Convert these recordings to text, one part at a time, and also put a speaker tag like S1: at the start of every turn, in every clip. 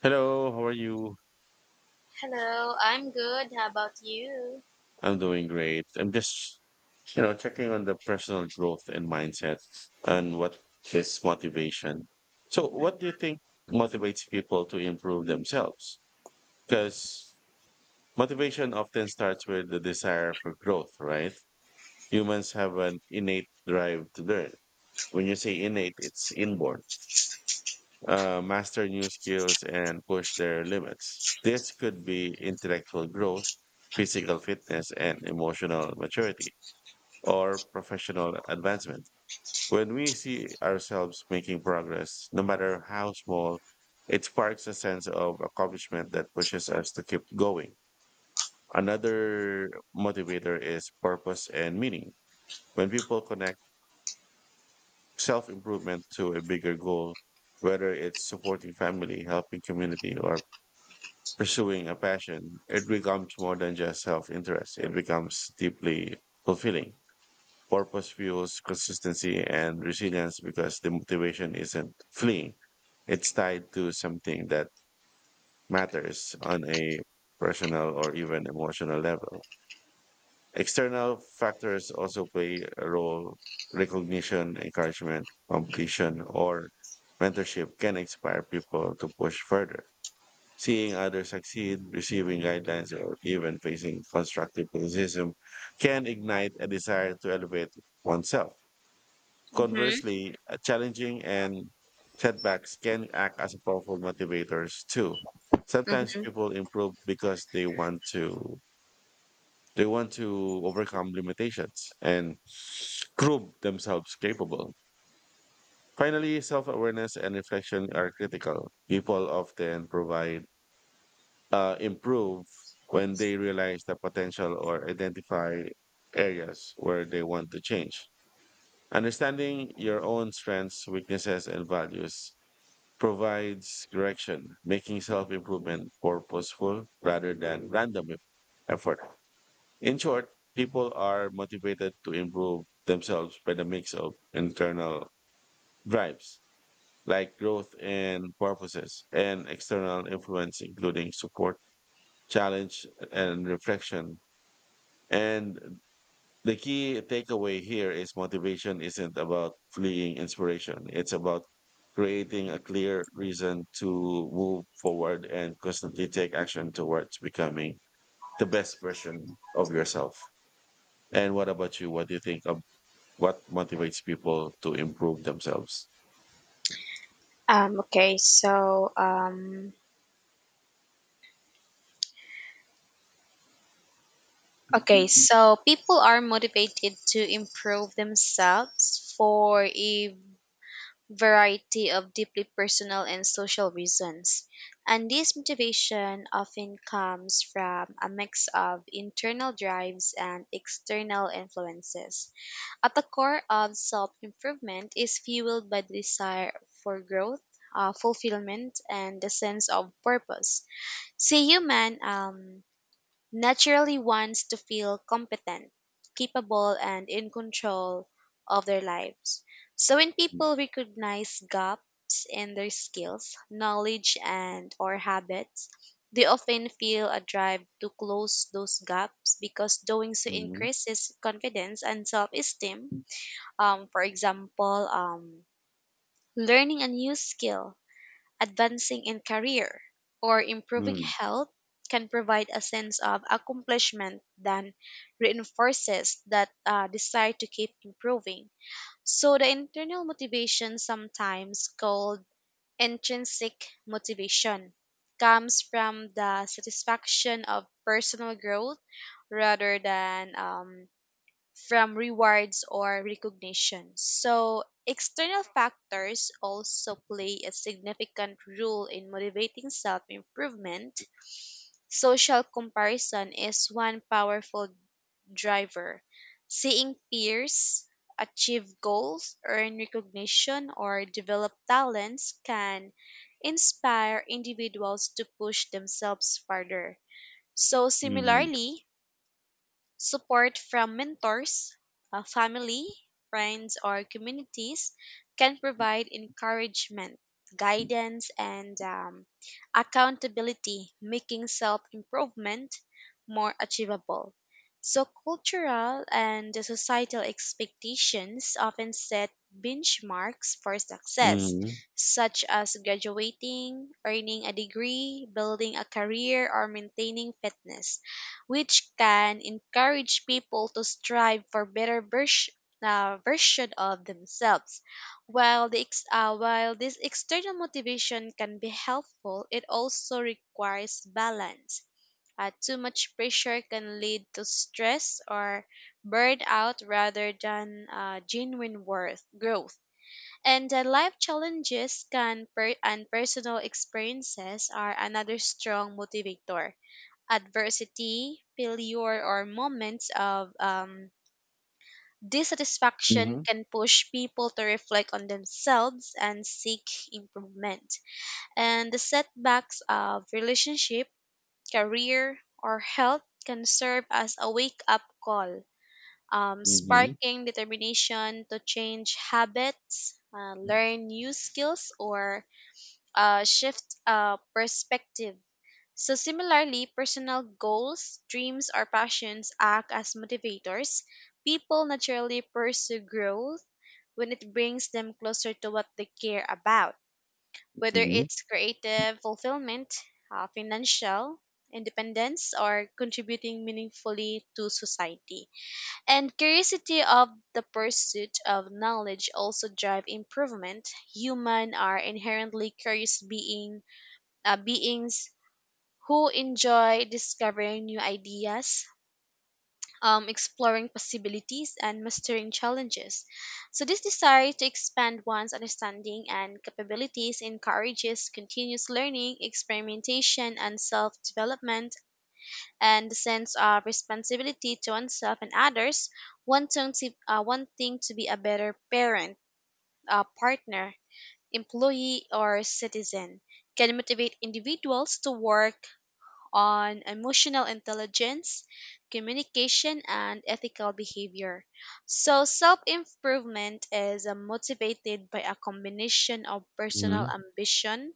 S1: Hello, how are you?
S2: Hello, I'm good. How about you?
S1: I'm doing great. I'm just, checking on the personal growth and mindset, and what is motivation. So, what do you think motivates people to improve themselves? Because motivation often starts with the desire for growth, right? Humans have an innate drive to learn. When you say innate, it's inborn. Master new skills and push their limits. This could be intellectual growth, physical fitness, and emotional maturity, or professional advancement. When we see ourselves making progress, no matter how small, it sparks a sense of accomplishment that pushes us to keep going. Another motivator is purpose and meaning. When people connect self improvement to a bigger goal, whether it's supporting family, helping community, or pursuing a passion, it becomes more than just self interest. It becomes deeply fulfilling. Purpose fuels consistency and resilience because the motivation isn't fleeing, it's tied to something that matters on a personal or even emotional level. External factors also play a role. Recognition, encouragement, competition, or mentorship can inspire people to push further. Seeing others succeed, receiving guidelines, or even facing constructive criticism can ignite a desire to elevate oneself.
S2: Mm-hmm.
S1: Conversely, challenging and setbacks can act as powerful motivators too. Sometimes
S2: Mm-hmm.
S1: people improve because they want to overcome limitations and prove themselves capable. Finally, self-awareness and reflection are critical. People often provide improve when they realize the potential or identify areas where they want to change. Understanding your own strengths, weaknesses, and values provides direction, making self improvement purposeful rather than random effort. In short, people are motivated to improve themselves by the mix of internal drives like growth and purposes and external influence, including support, challenge, and reflection. And the key takeaway here is motivation isn't about fleeing inspiration. It's about creating a clear reason to move forward and constantly take action towards becoming the best version of yourself. And what about you? What do you think of what motivates people to improve themselves?
S2: Okay, so okay, so people are motivated to improve themselves for a variety of deeply personal and social reasons. And this motivation often comes from a mix of internal drives and external influences. At the core of self improvement is fueled by the desire for growth, fulfillment, and the sense of purpose. See, human naturally wants to feel competent, capable, and in control of their lives. So when people recognize gaps in their skills, knowledge, and or habits, they often feel a drive to close those gaps because doing so
S1: Mm-hmm.
S2: increases confidence and self-esteem. For example, learning a new skill, advancing in career, or improving
S1: Mm-hmm.
S2: health can provide a sense of accomplishment that reinforces that desire to keep improving. So, the internal motivation, sometimes called intrinsic motivation, comes from the satisfaction of personal growth rather than from rewards or recognition. So, external factors also play a significant role in motivating self improvement. Social comparison is one powerful driver. Seeing peers achieve goals, earn recognition, or develop talents can inspire individuals to push themselves further. So,
S1: Mm-hmm.
S2: similarly, support from mentors, family, friends, or communities can provide encouragement, guidance, and accountability, making self improvement more achievable. So, cultural and the societal expectations often set benchmarks for success,
S1: Mm-hmm.
S2: such as graduating, earning a degree, building a career, or maintaining fitness, which can encourage people to strive for better version of themselves. While this external motivation can be helpful, it also requires balance. Too much pressure can lead to stress or burnout rather than genuine worth growth. And life challenges can per- and personal experiences are another strong motivator. Adversity, failure, or moments of dissatisfaction can push people to reflect on themselves and seek improvement. And the setbacks of relationship, career, or health can serve as a wake up call,
S1: Mm-hmm.
S2: sparking determination to change habits, learn new skills, or shift perspective. So, similarly, personal goals, dreams, or passions act as motivators. People naturally pursue growth when it brings them closer to what they care about, whether
S1: Mm-hmm.
S2: it's creative fulfillment, financial independence, or contributing meaningfully to society. And curiosity of the pursuit of knowledge also drive improvement. Human are inherently curious beings who enjoy discovering new ideas, exploring possibilities, and mastering challenges. So, this desire to expand one's understanding and capabilities encourages continuous learning, experimentation, and self development, and the sense of responsibility to oneself and others, wanting to be a better parent, partner, employee, or citizen. Can motivate individuals to work on emotional intelligence, communication, and ethical behavior. So, self improvement is motivated by a combination of personal ambition,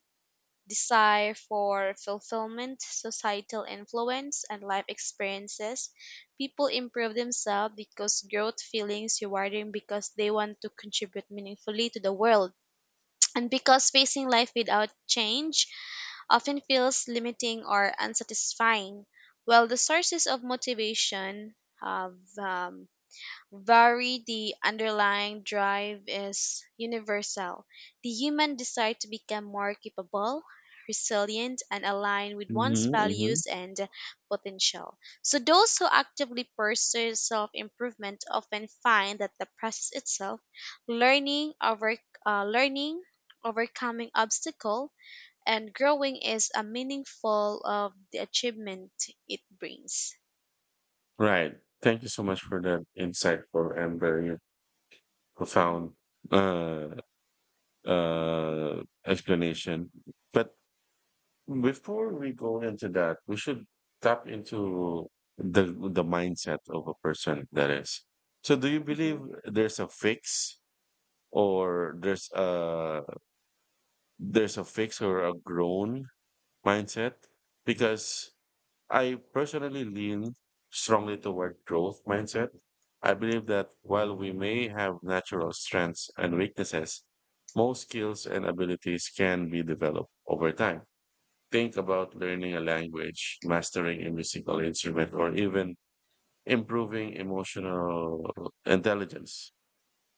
S2: desire for fulfillment, societal influence, and life experiences. People improve themselves because growth feelings rewarding because they want to contribute meaningfully to the world. And because facing life without change often feels limiting or unsatisfying. While the sources of motivation have vary, the underlying drive is universal. The human desire to become more capable, resilient, and aligned with one's
S1: Mm-hmm.
S2: values and potential. So, those who actively pursue self improvement often find that the process itself, learning, over, learning, overcoming obstacle and growing is a meaningful of the achievement it brings.
S1: Right. Thank you so much for that insightful and very
S2: Hmm.
S1: profound uh, explanation. But before we go into that, we should tap into the the mindset of a person that is. So, do you believe
S2: Hmm.
S1: there's a fix, or there's a fix or a grown mindset? Because I personally lean strongly toward growth mindset. I believe that while we may have natural strengths and weaknesses, most skills and abilities can be developed over time. Think about learning a language, mastering a musical instrument, or even improving emotional intelligence.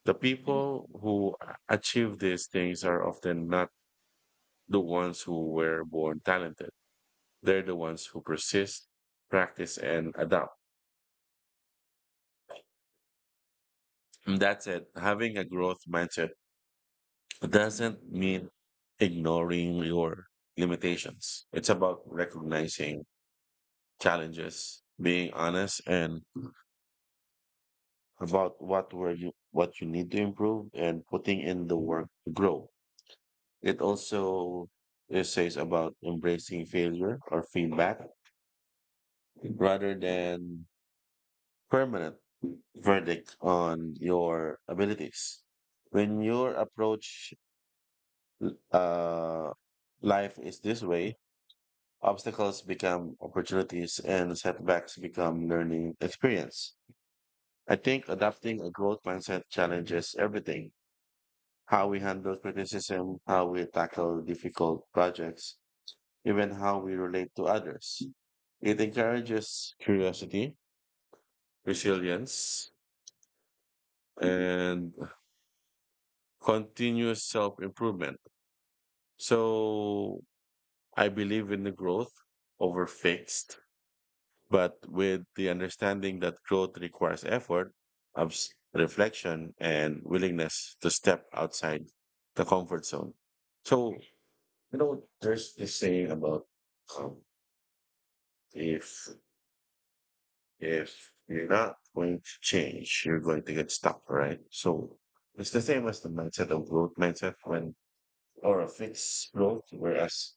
S1: The
S2: Hmm.
S1: people who achieve these things are often not the ones who were born talented. They're the ones who persist, practice, and adapt. And that's it. Having a growth mindset doesn't mean ignoring your limitations. It's about recognizing challenges, being honest and about what you need to improve and putting in the work to grow. It also, it says, about embracing failure or feedback rather than permanent verdict on your abilities. When your approach Uh, life is this way. Obstacles become opportunities and setbacks become learning experience. I think adopting a growth mindset challenges everything. How we handle criticism, how we tackle difficult projects, even how we relate to others. It encourages curiosity, resilience, and continuous self improvement. So I believe in the growth over fixed, but with the understanding that growth requires effort, reflection, and willingness to step outside the comfort zone. So, you know, there's this saying about, um, if you're not going to change, you're going to get stuck, right? So it's the same as the mindset of growth mindset when or a fixed growth, whereas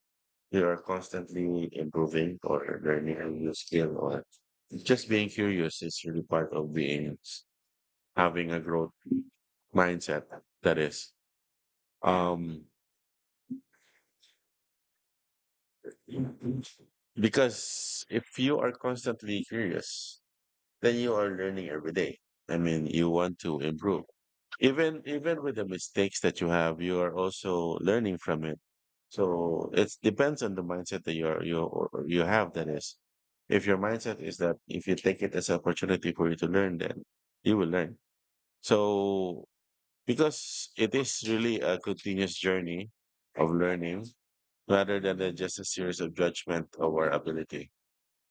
S1: you are constantly improving or learning a new skill or just being curious is really part of being having a growth mindset. That is um because if you are constantly curious, then you are learning every day. I mean, you want to improve. Even with the mistakes that you have, you are also learning from it. So it depends on the mindset that you are you or you have. That is, if your mindset is that if you take it as an opportunity for you to learn, then you will learn. So because it is really a continuous journey of learning rather than just a series of judgment of our ability.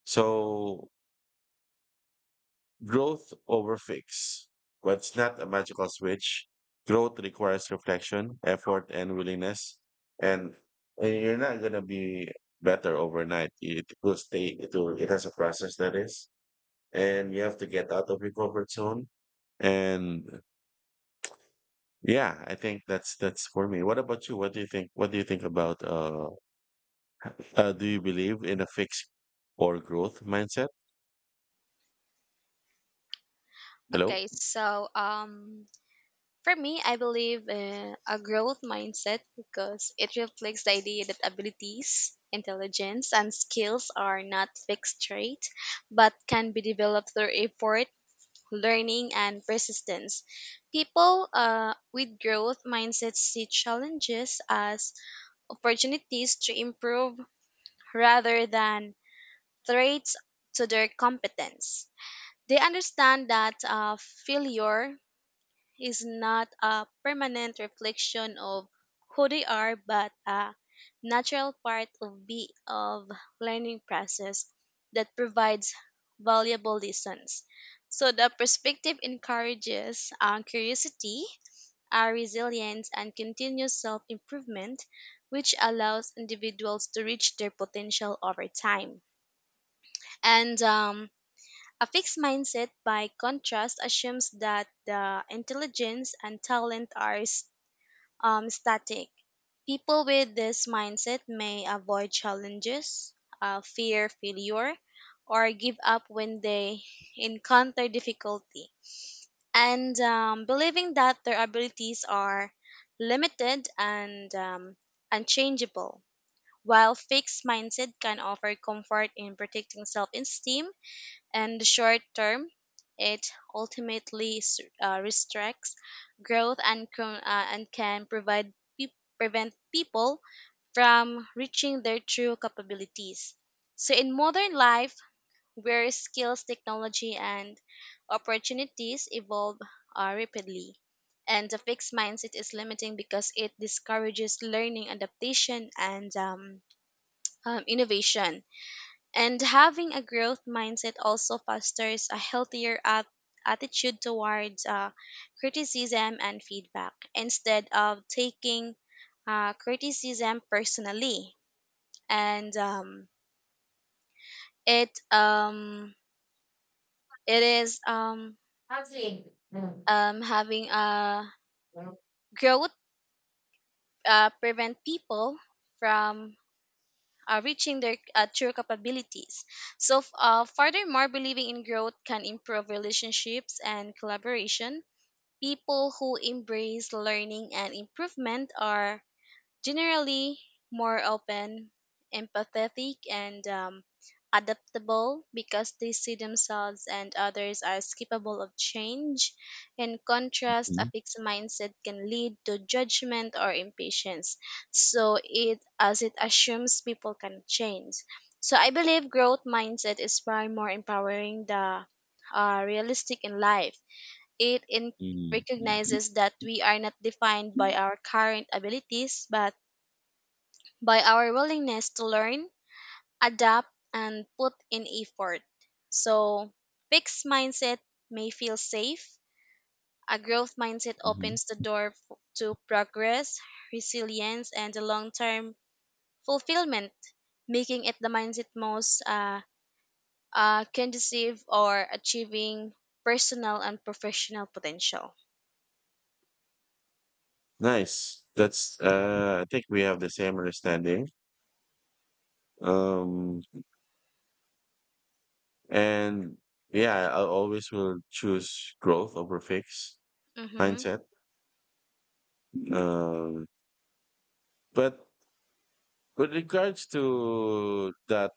S1: So growth over fix. What's not a magical switch? Growth requires reflection, effort, and willingness. And, and you're not gonna be better overnight. It will stay. It will. It has a process. That is, and you have to get out of your comfort zone. And yeah, I think that's for me. What about you? What do you think? What do you think about? Do you believe in a fix or growth mindset? Hello.
S2: Okay, so for me, I believe a growth mindset because it reflects the idea that abilities, intelligence, and skills are not fixed traits but can be developed through effort, learning, and persistence. People with growth mindsets see challenges as opportunities to improve rather than traits to their competence. They understand that failure is not a permanent reflection of who they are, but a natural part of be of learning process that provides valuable lessons. So the perspective encourages curiosity, resilience, and continuous self-improvement, which allows individuals to reach their potential over time. And a fixed mindset, by contrast, assumes that the intelligence and talent are static. People with this mindset may avoid challenges, fear failure, or give up when they encounter difficulty. And believing that their abilities are limited and unchangeable. While fixed mindset can offer comfort in protecting self esteem, in the short term, it ultimately restricts growth and, and can provide pe- prevent people from reaching their true capabilities. So, in modern life, where skills, technology, and opportunities evolve rapidly, and the fixed mindset is limiting because it discourages learning, adaptation, and innovation. And having a growth mindset also fosters a healthier attitude towards criticism and feedback instead of taking criticism personally. And it it is
S1: Actually, mm,
S2: having a
S1: mm.
S2: growth prevent people from reaching their true capabilities. So, furthermore, believing in growth can improve relationships and collaboration. People who embrace learning and improvement are generally more open, empathetic, and adaptable because they see themselves and others as capable of change. In contrast, a fixed mindset can lead to judgment or impatience, so it as it assumes people can change. So I believe growth mindset is far more empowering the realistic in life it
S1: Mm, mm.
S2: recognizes that we are not defined by our current abilities, but by our willingness to learn, adapt, and put in effort. So, fixed mindset may feel safe. A growth mindset
S1: hmm
S2: opens the door to progress, resilience, and the long term fulfillment, making it the mindset most conducive or achieving personal and professional potential.
S1: Nice. That's I think we have the same understanding. Um and yeah, I always will choose growth over fix
S2: Mm-hmm.
S1: mindset. Um but with regards to that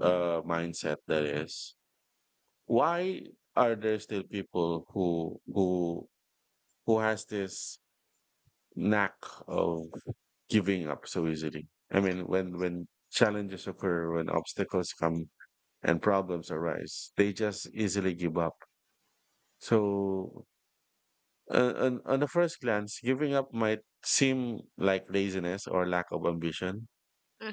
S1: mindset, that is, why are there still people who has this knack of giving up so easily? I mean, when challenges occur, when obstacles come and problems arise. They just easily give up. So, on the first glance, giving up might seem like laziness or lack of ambition,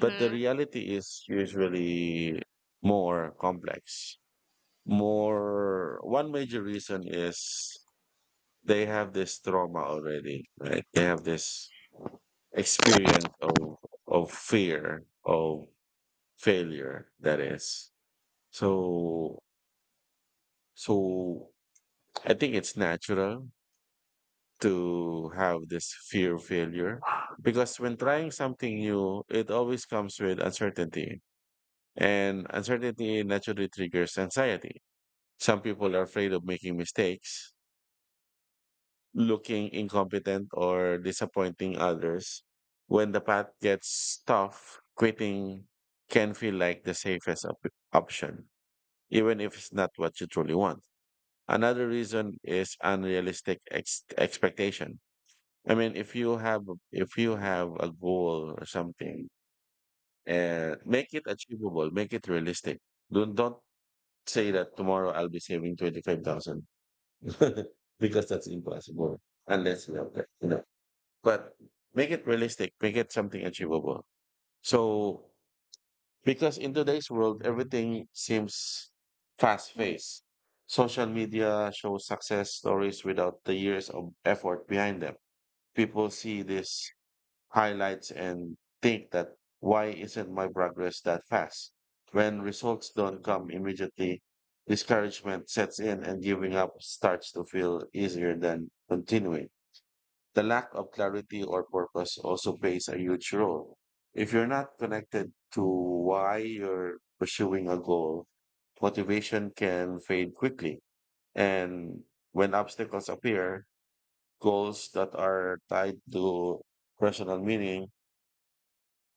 S1: but the reality is usually more complex. More, one major reason is they have this trauma already, right? They have this experience of fear of failure. That is, so so I think it's natural to have this fear of failure because when trying something new, it always comes with uncertainty, and uncertainty naturally triggers anxiety. Some people are afraid of making mistakes, looking incompetent, or disappointing others. When the path gets tough, quitting can feel like the safest option, even if it's not what you truly want. Another reason is unrealistic expectation. I mean, if you have, a goal or something, and make it achievable, make it realistic. Don't say that tomorrow I'll be saving 25,000 because that's impossible unless you have that, you know. But make it realistic, make it something achievable. So, because in today's world, everything seems fast-paced. Social media shows success stories without the years of effort behind them. People see this highlights and think that why isn't my progress that fast? When results don't come immediately, discouragement sets in and giving up starts to feel easier than continuing. The lack of clarity or purpose also plays a huge role. If you're not connected to why you're pursuing a goal, motivation can fade quickly. And when obstacles appear, goals that are tied to personal meaning,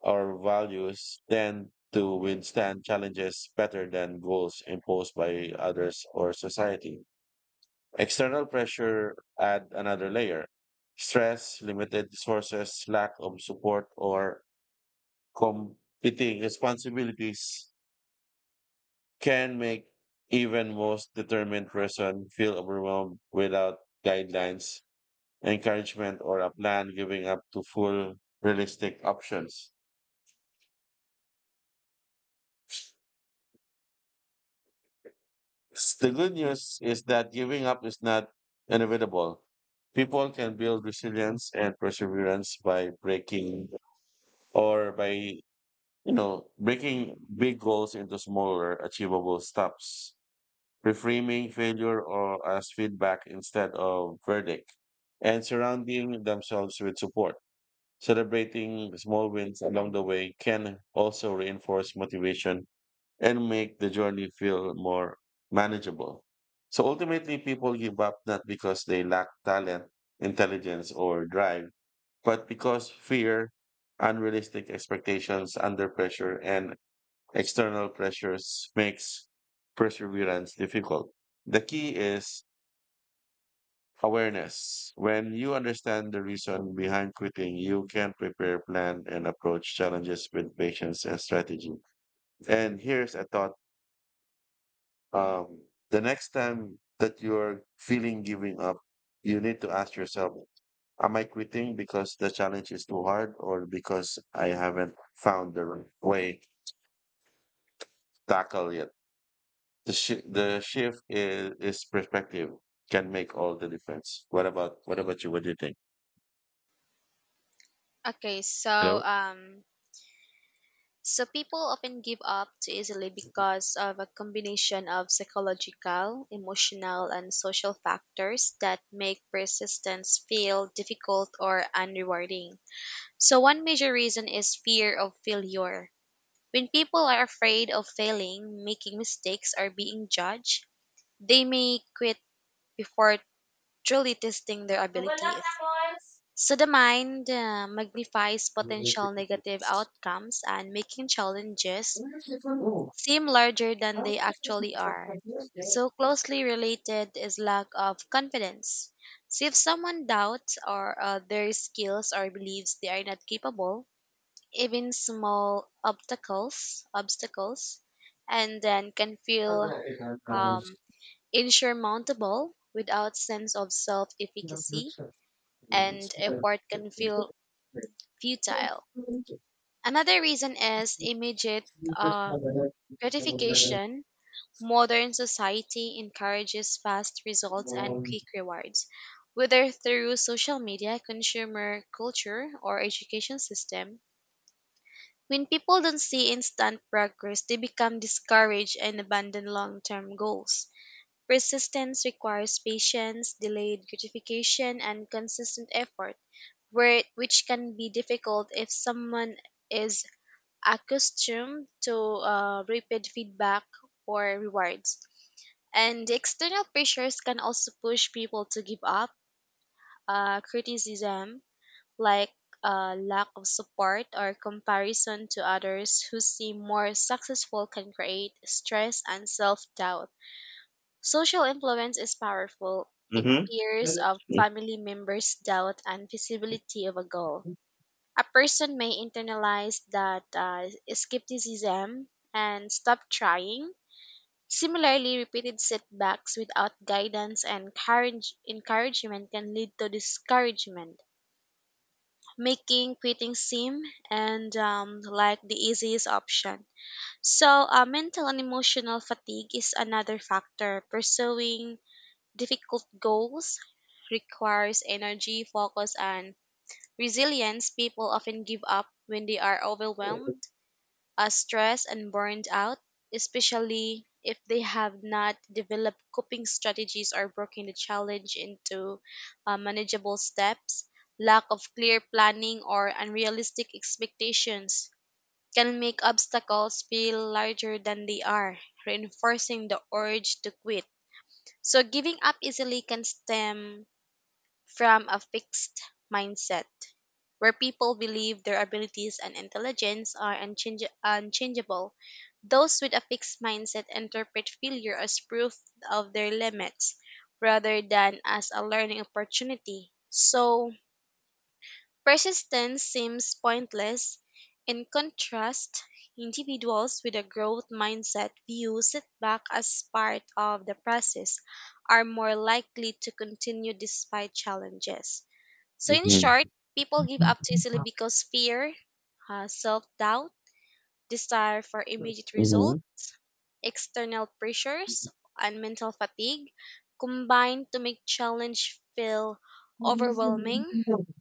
S1: our values, tend to withstand challenges better than goals imposed by others or society. External pressure add another layer. Stress, limited resources, lack of support, or competing responsibilities can make even most determined person feel overwhelmed without guidelines, encouragement, or a plan, giving up to full realistic options. The good news is that giving up is not inevitable. People can build resilience and perseverance by breaking, you know, breaking big goals into smaller, achievable steps, reframing failure or as feedback instead of verdict, and surrounding themselves with support. Celebrating small wins along the way can also reinforce motivation and make the journey feel more manageable. So ultimately, people give up not because they lack talent, intelligence, or drive, but because fear, unrealistic expectations under pressure, and external pressures makes perseverance difficult. The key is awareness. When you understand the reason behind quitting, you can prepare, plan, and approach challenges with patience and strategy. And here's a thought. Um, the next time that you're feeling giving up, you need to ask yourself, am I quitting because the challenge is too hard or because I haven't found the right way to tackle it? The shift is perspective, can make all the difference. What about you? What do you think?
S2: Okay, so
S1: Hello?
S2: um, so people often give up too easily because of a combination of psychological, emotional, and social factors that make persistence feel difficult or unrewarding. So one major reason is fear of failure. When people are afraid of failing, making mistakes, or being judged, they may quit before truly testing their abilities. So the mind magnifies potential negative outcomes and making challenges seem larger than they actually are. So closely related is lack of confidence. So if someone doubts or their skills or believes they are not capable, even small obstacles, and then can feel um, insurmountable without sense of self-efficacy and effort can feel futile. Another reason is immediate uh, gratification. Modern society encourages fast results and quick rewards, whether through social media, consumer culture, or education system. When people don't see instant progress, they become discouraged and abandon long term goals. Persistence requires patience, delayed gratification, and consistent effort, which can be difficult if someone is accustomed to rapid feedback or rewards. And the external pressures can also push people to give up. Criticism, like lack of support or comparison to others who seem more successful, can create stress and self doubt. Social influence is powerful. It
S1: Mhm.
S2: peers of family members' doubt and visibility of a goal. A person may internalize that skepticism and stop trying. Similarly, repeated setbacks without guidance and courage, encouragement can lead to discouragement, making quitting seem and like the easiest option. So, mental and emotional fatigue is another factor. Pursuing difficult goals requires energy, focus, and resilience. People often give up when they are overwhelmed are stressed and burned out, especially if they have not developed coping strategies or broken the challenge into manageable steps. Lack of clear planning or unrealistic expectations can make obstacles feel larger than they are, reinforcing the urge to quit. So, giving up easily can stem from a fixed mindset where people believe their abilities and intelligence are unchangeable. Those with a fixed mindset interpret failure as proof of their limits rather than as a learning opportunity. So, persistence seems pointless. In contrast, individuals with a growth mindset view setback as part of the process are more likely to continue despite challenges. So, in
S1: Mhm.
S2: short, people give up too easily because fear, self doubt, desire for immediate result,
S1: Mhm.
S2: external pressures, and mental fatigue combine to make challenge feel overwhelming.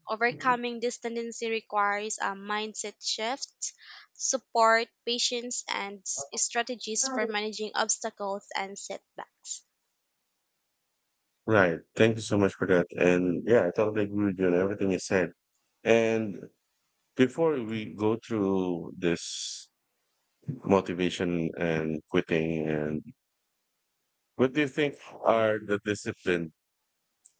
S2: Overcoming this tendency requires a mindset shift, support, patience, and strategies for managing obstacles and setbacks.
S1: Right. Thank you so much for that. And yeah, I totally agree with you on everything you said. And before we go through this motivation and quitting, and what do you think are the discipline?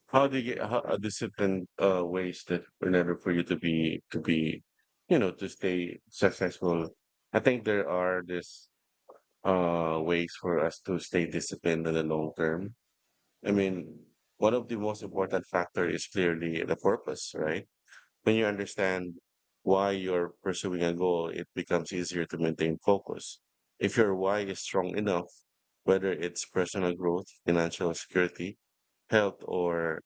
S1: How do you get, how are discipline ways that in order for you to be, you know, to stay successful? I think there are this ways for us to stay disciplined in the long term. I mean, one of the most important factor is clearly the purpose, right? When you understand why you're pursuing a goal, it becomes easier to maintain focus. If your why is strong enough, whether it's personal growth, financial security, health, or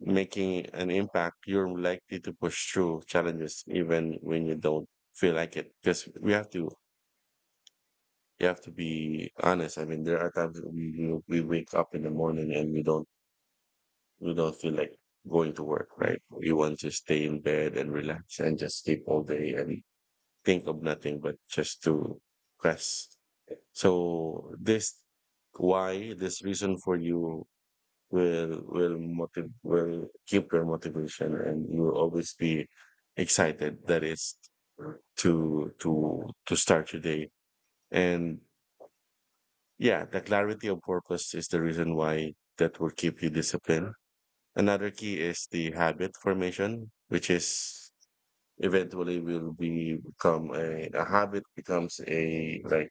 S1: making an impact, you're likely to push through challenges even when you don't feel like it. Because we have to, you have to be honest. I mean, there are times that we wake up in the morning and we don't feel like going to work, right? We want to stay in bed and relax and just sleep all day and think of nothing but just to rest. So this why, this reason for you, will keep your motivation and you will always be excited. That is, to start your day. And yeah, the clarity of purpose is the reason why that will keep you disciplined. Another key is the habit formation, which is eventually will be become a habit becomes a like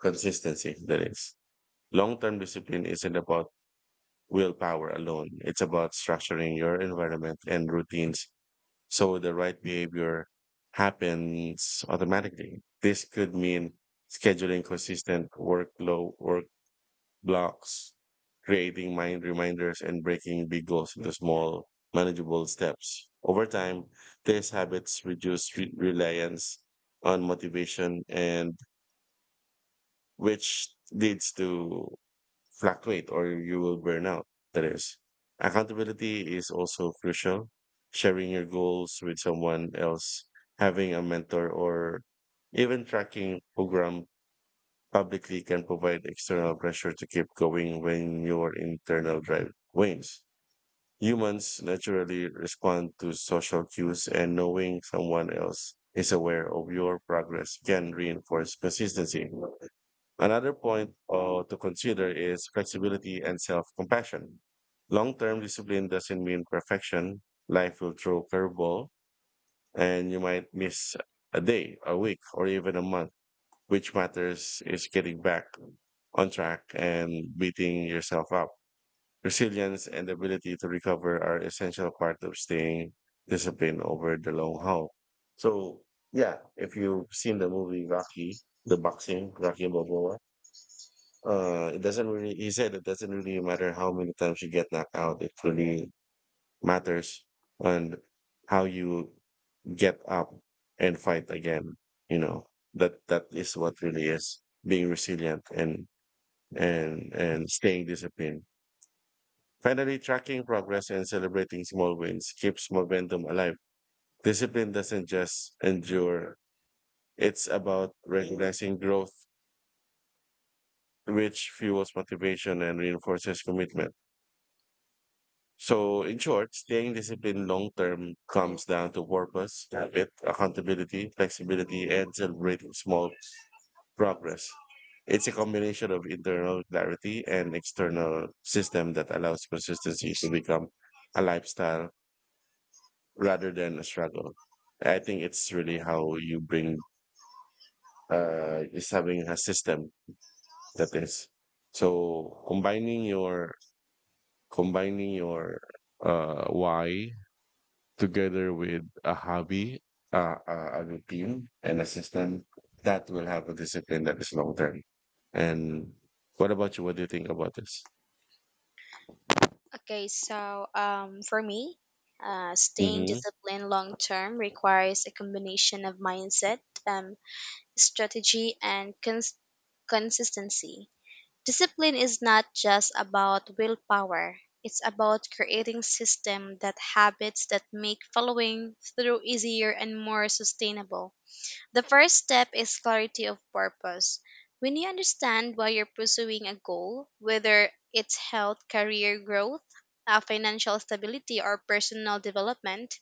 S1: consistency. That is, long-term discipline isn't about willpower alone. It's about structuring your environment and routines so the right behavior happens automatically. This could mean scheduling consistent work blocks, creating mind reminders, and breaking big goals into small, manageable steps. Over time, these habits reduce reliance on motivation, and which leads to fluctuate or you will burn out. That is, accountability is also crucial. Sharing your goals with someone else, having a mentor, or even tracking program publicly can provide external pressure to keep going when your internal drive wanes. Humans naturally respond to social cues, and knowing someone else is aware of your progress can reinforce consistency. Another point to consider is flexibility and self compassion. Long term discipline doesn't mean perfection. Life will throw curveball, and you might miss a day, a week, or even a month. Which matters is getting back on track and beating yourself up. Resilience and the ability to recover are essential part of staying disciplined over the long haul. So yeah, if you've seen the movie Rocky, the boxing, Rocky Balboa, it doesn't really, he said it doesn't really matter how many times you get knocked out. It really matters on how you get up and fight again. You know, that is what really is being resilient and and staying disciplined. Finally, tracking progress and celebrating small wins keeps momentum alive. Discipline doesn't just endure. It's about recognizing growth, which fuels motivation and reinforces commitment. So, in short, staying disciplined long term comes down to purpose, habit, accountability, flexibility, and celebrating small progress. It's a combination of internal clarity and external system that allows consistency to become a lifestyle rather than a struggle. I think it's really how you bring is having a system. That is, so combining your why together with a hobby, uh, a a routine, and a system that will have a discipline that is long term. And what about you? What do you think about this?
S2: Okay, for me, staying
S1: Mm-hmm.
S2: disciplined long term requires a combination of mindset, um, strategy, and consistency. Discipline is not just about willpower. It's about creating system that habits that make following through easier and more sustainable. The first step is clarity of purpose. When you understand why you're pursuing a goal, whether it's health, career growth, financial stability, or personal development,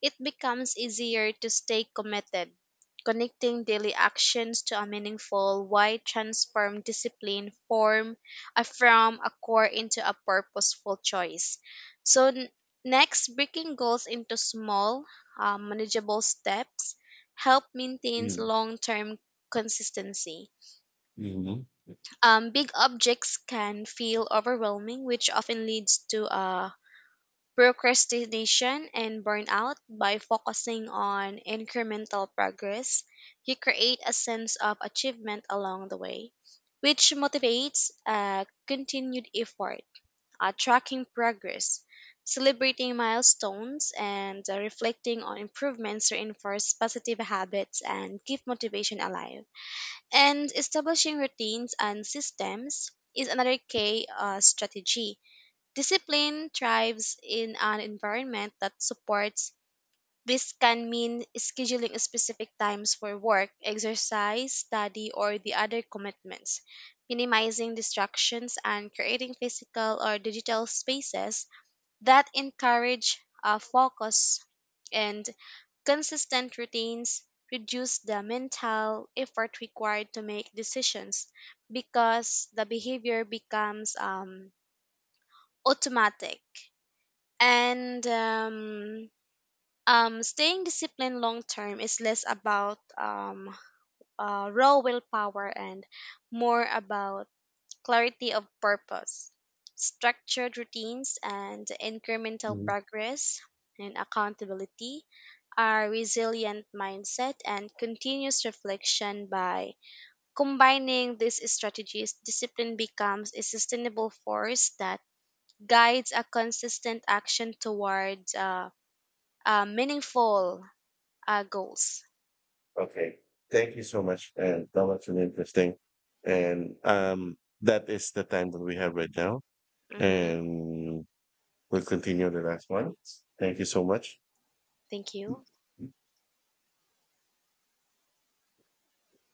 S2: it becomes easier to stay committed. Connecting daily actions to a meaningful why transform discipline form from a core into a purposeful choice. So next, breaking goals into small, manageable steps help maintains long-term consistency.
S1: Mm-hmm.
S2: Big objects can feel overwhelming, which often leads to procrastination and burnout. By focusing on incremental progress, you create a sense of achievement along the way, which motivates continued effort. Tracking progress, celebrating milestones, and reflecting on improvements reinforce positive habits and keep motivation alive and establishing routines and systems is another key strategy. Discipline thrives in an environment that supports. This can mean scheduling specific times for work, exercise, study, or the other commitments, minimizing distractions, and creating physical or digital spaces that encourage focus and consistent routines reduce the mental effort required to make decisions because the behavior becomes automatic. And staying disciplined long term is less about raw willpower and more about clarity of purpose, structured routines, and incremental
S1: Hmm.
S2: progress, and accountability are resilient mindset and continuous reflection by combining these strategies discipline becomes a sustainable force that guides a consistent action towards meaningful goals.
S1: Okay. Thank you so much. And that was really interesting. And that is the time that we have right now.
S2: Hmm.
S1: And we'll continue the last one. Thank you so much.
S2: Thank you.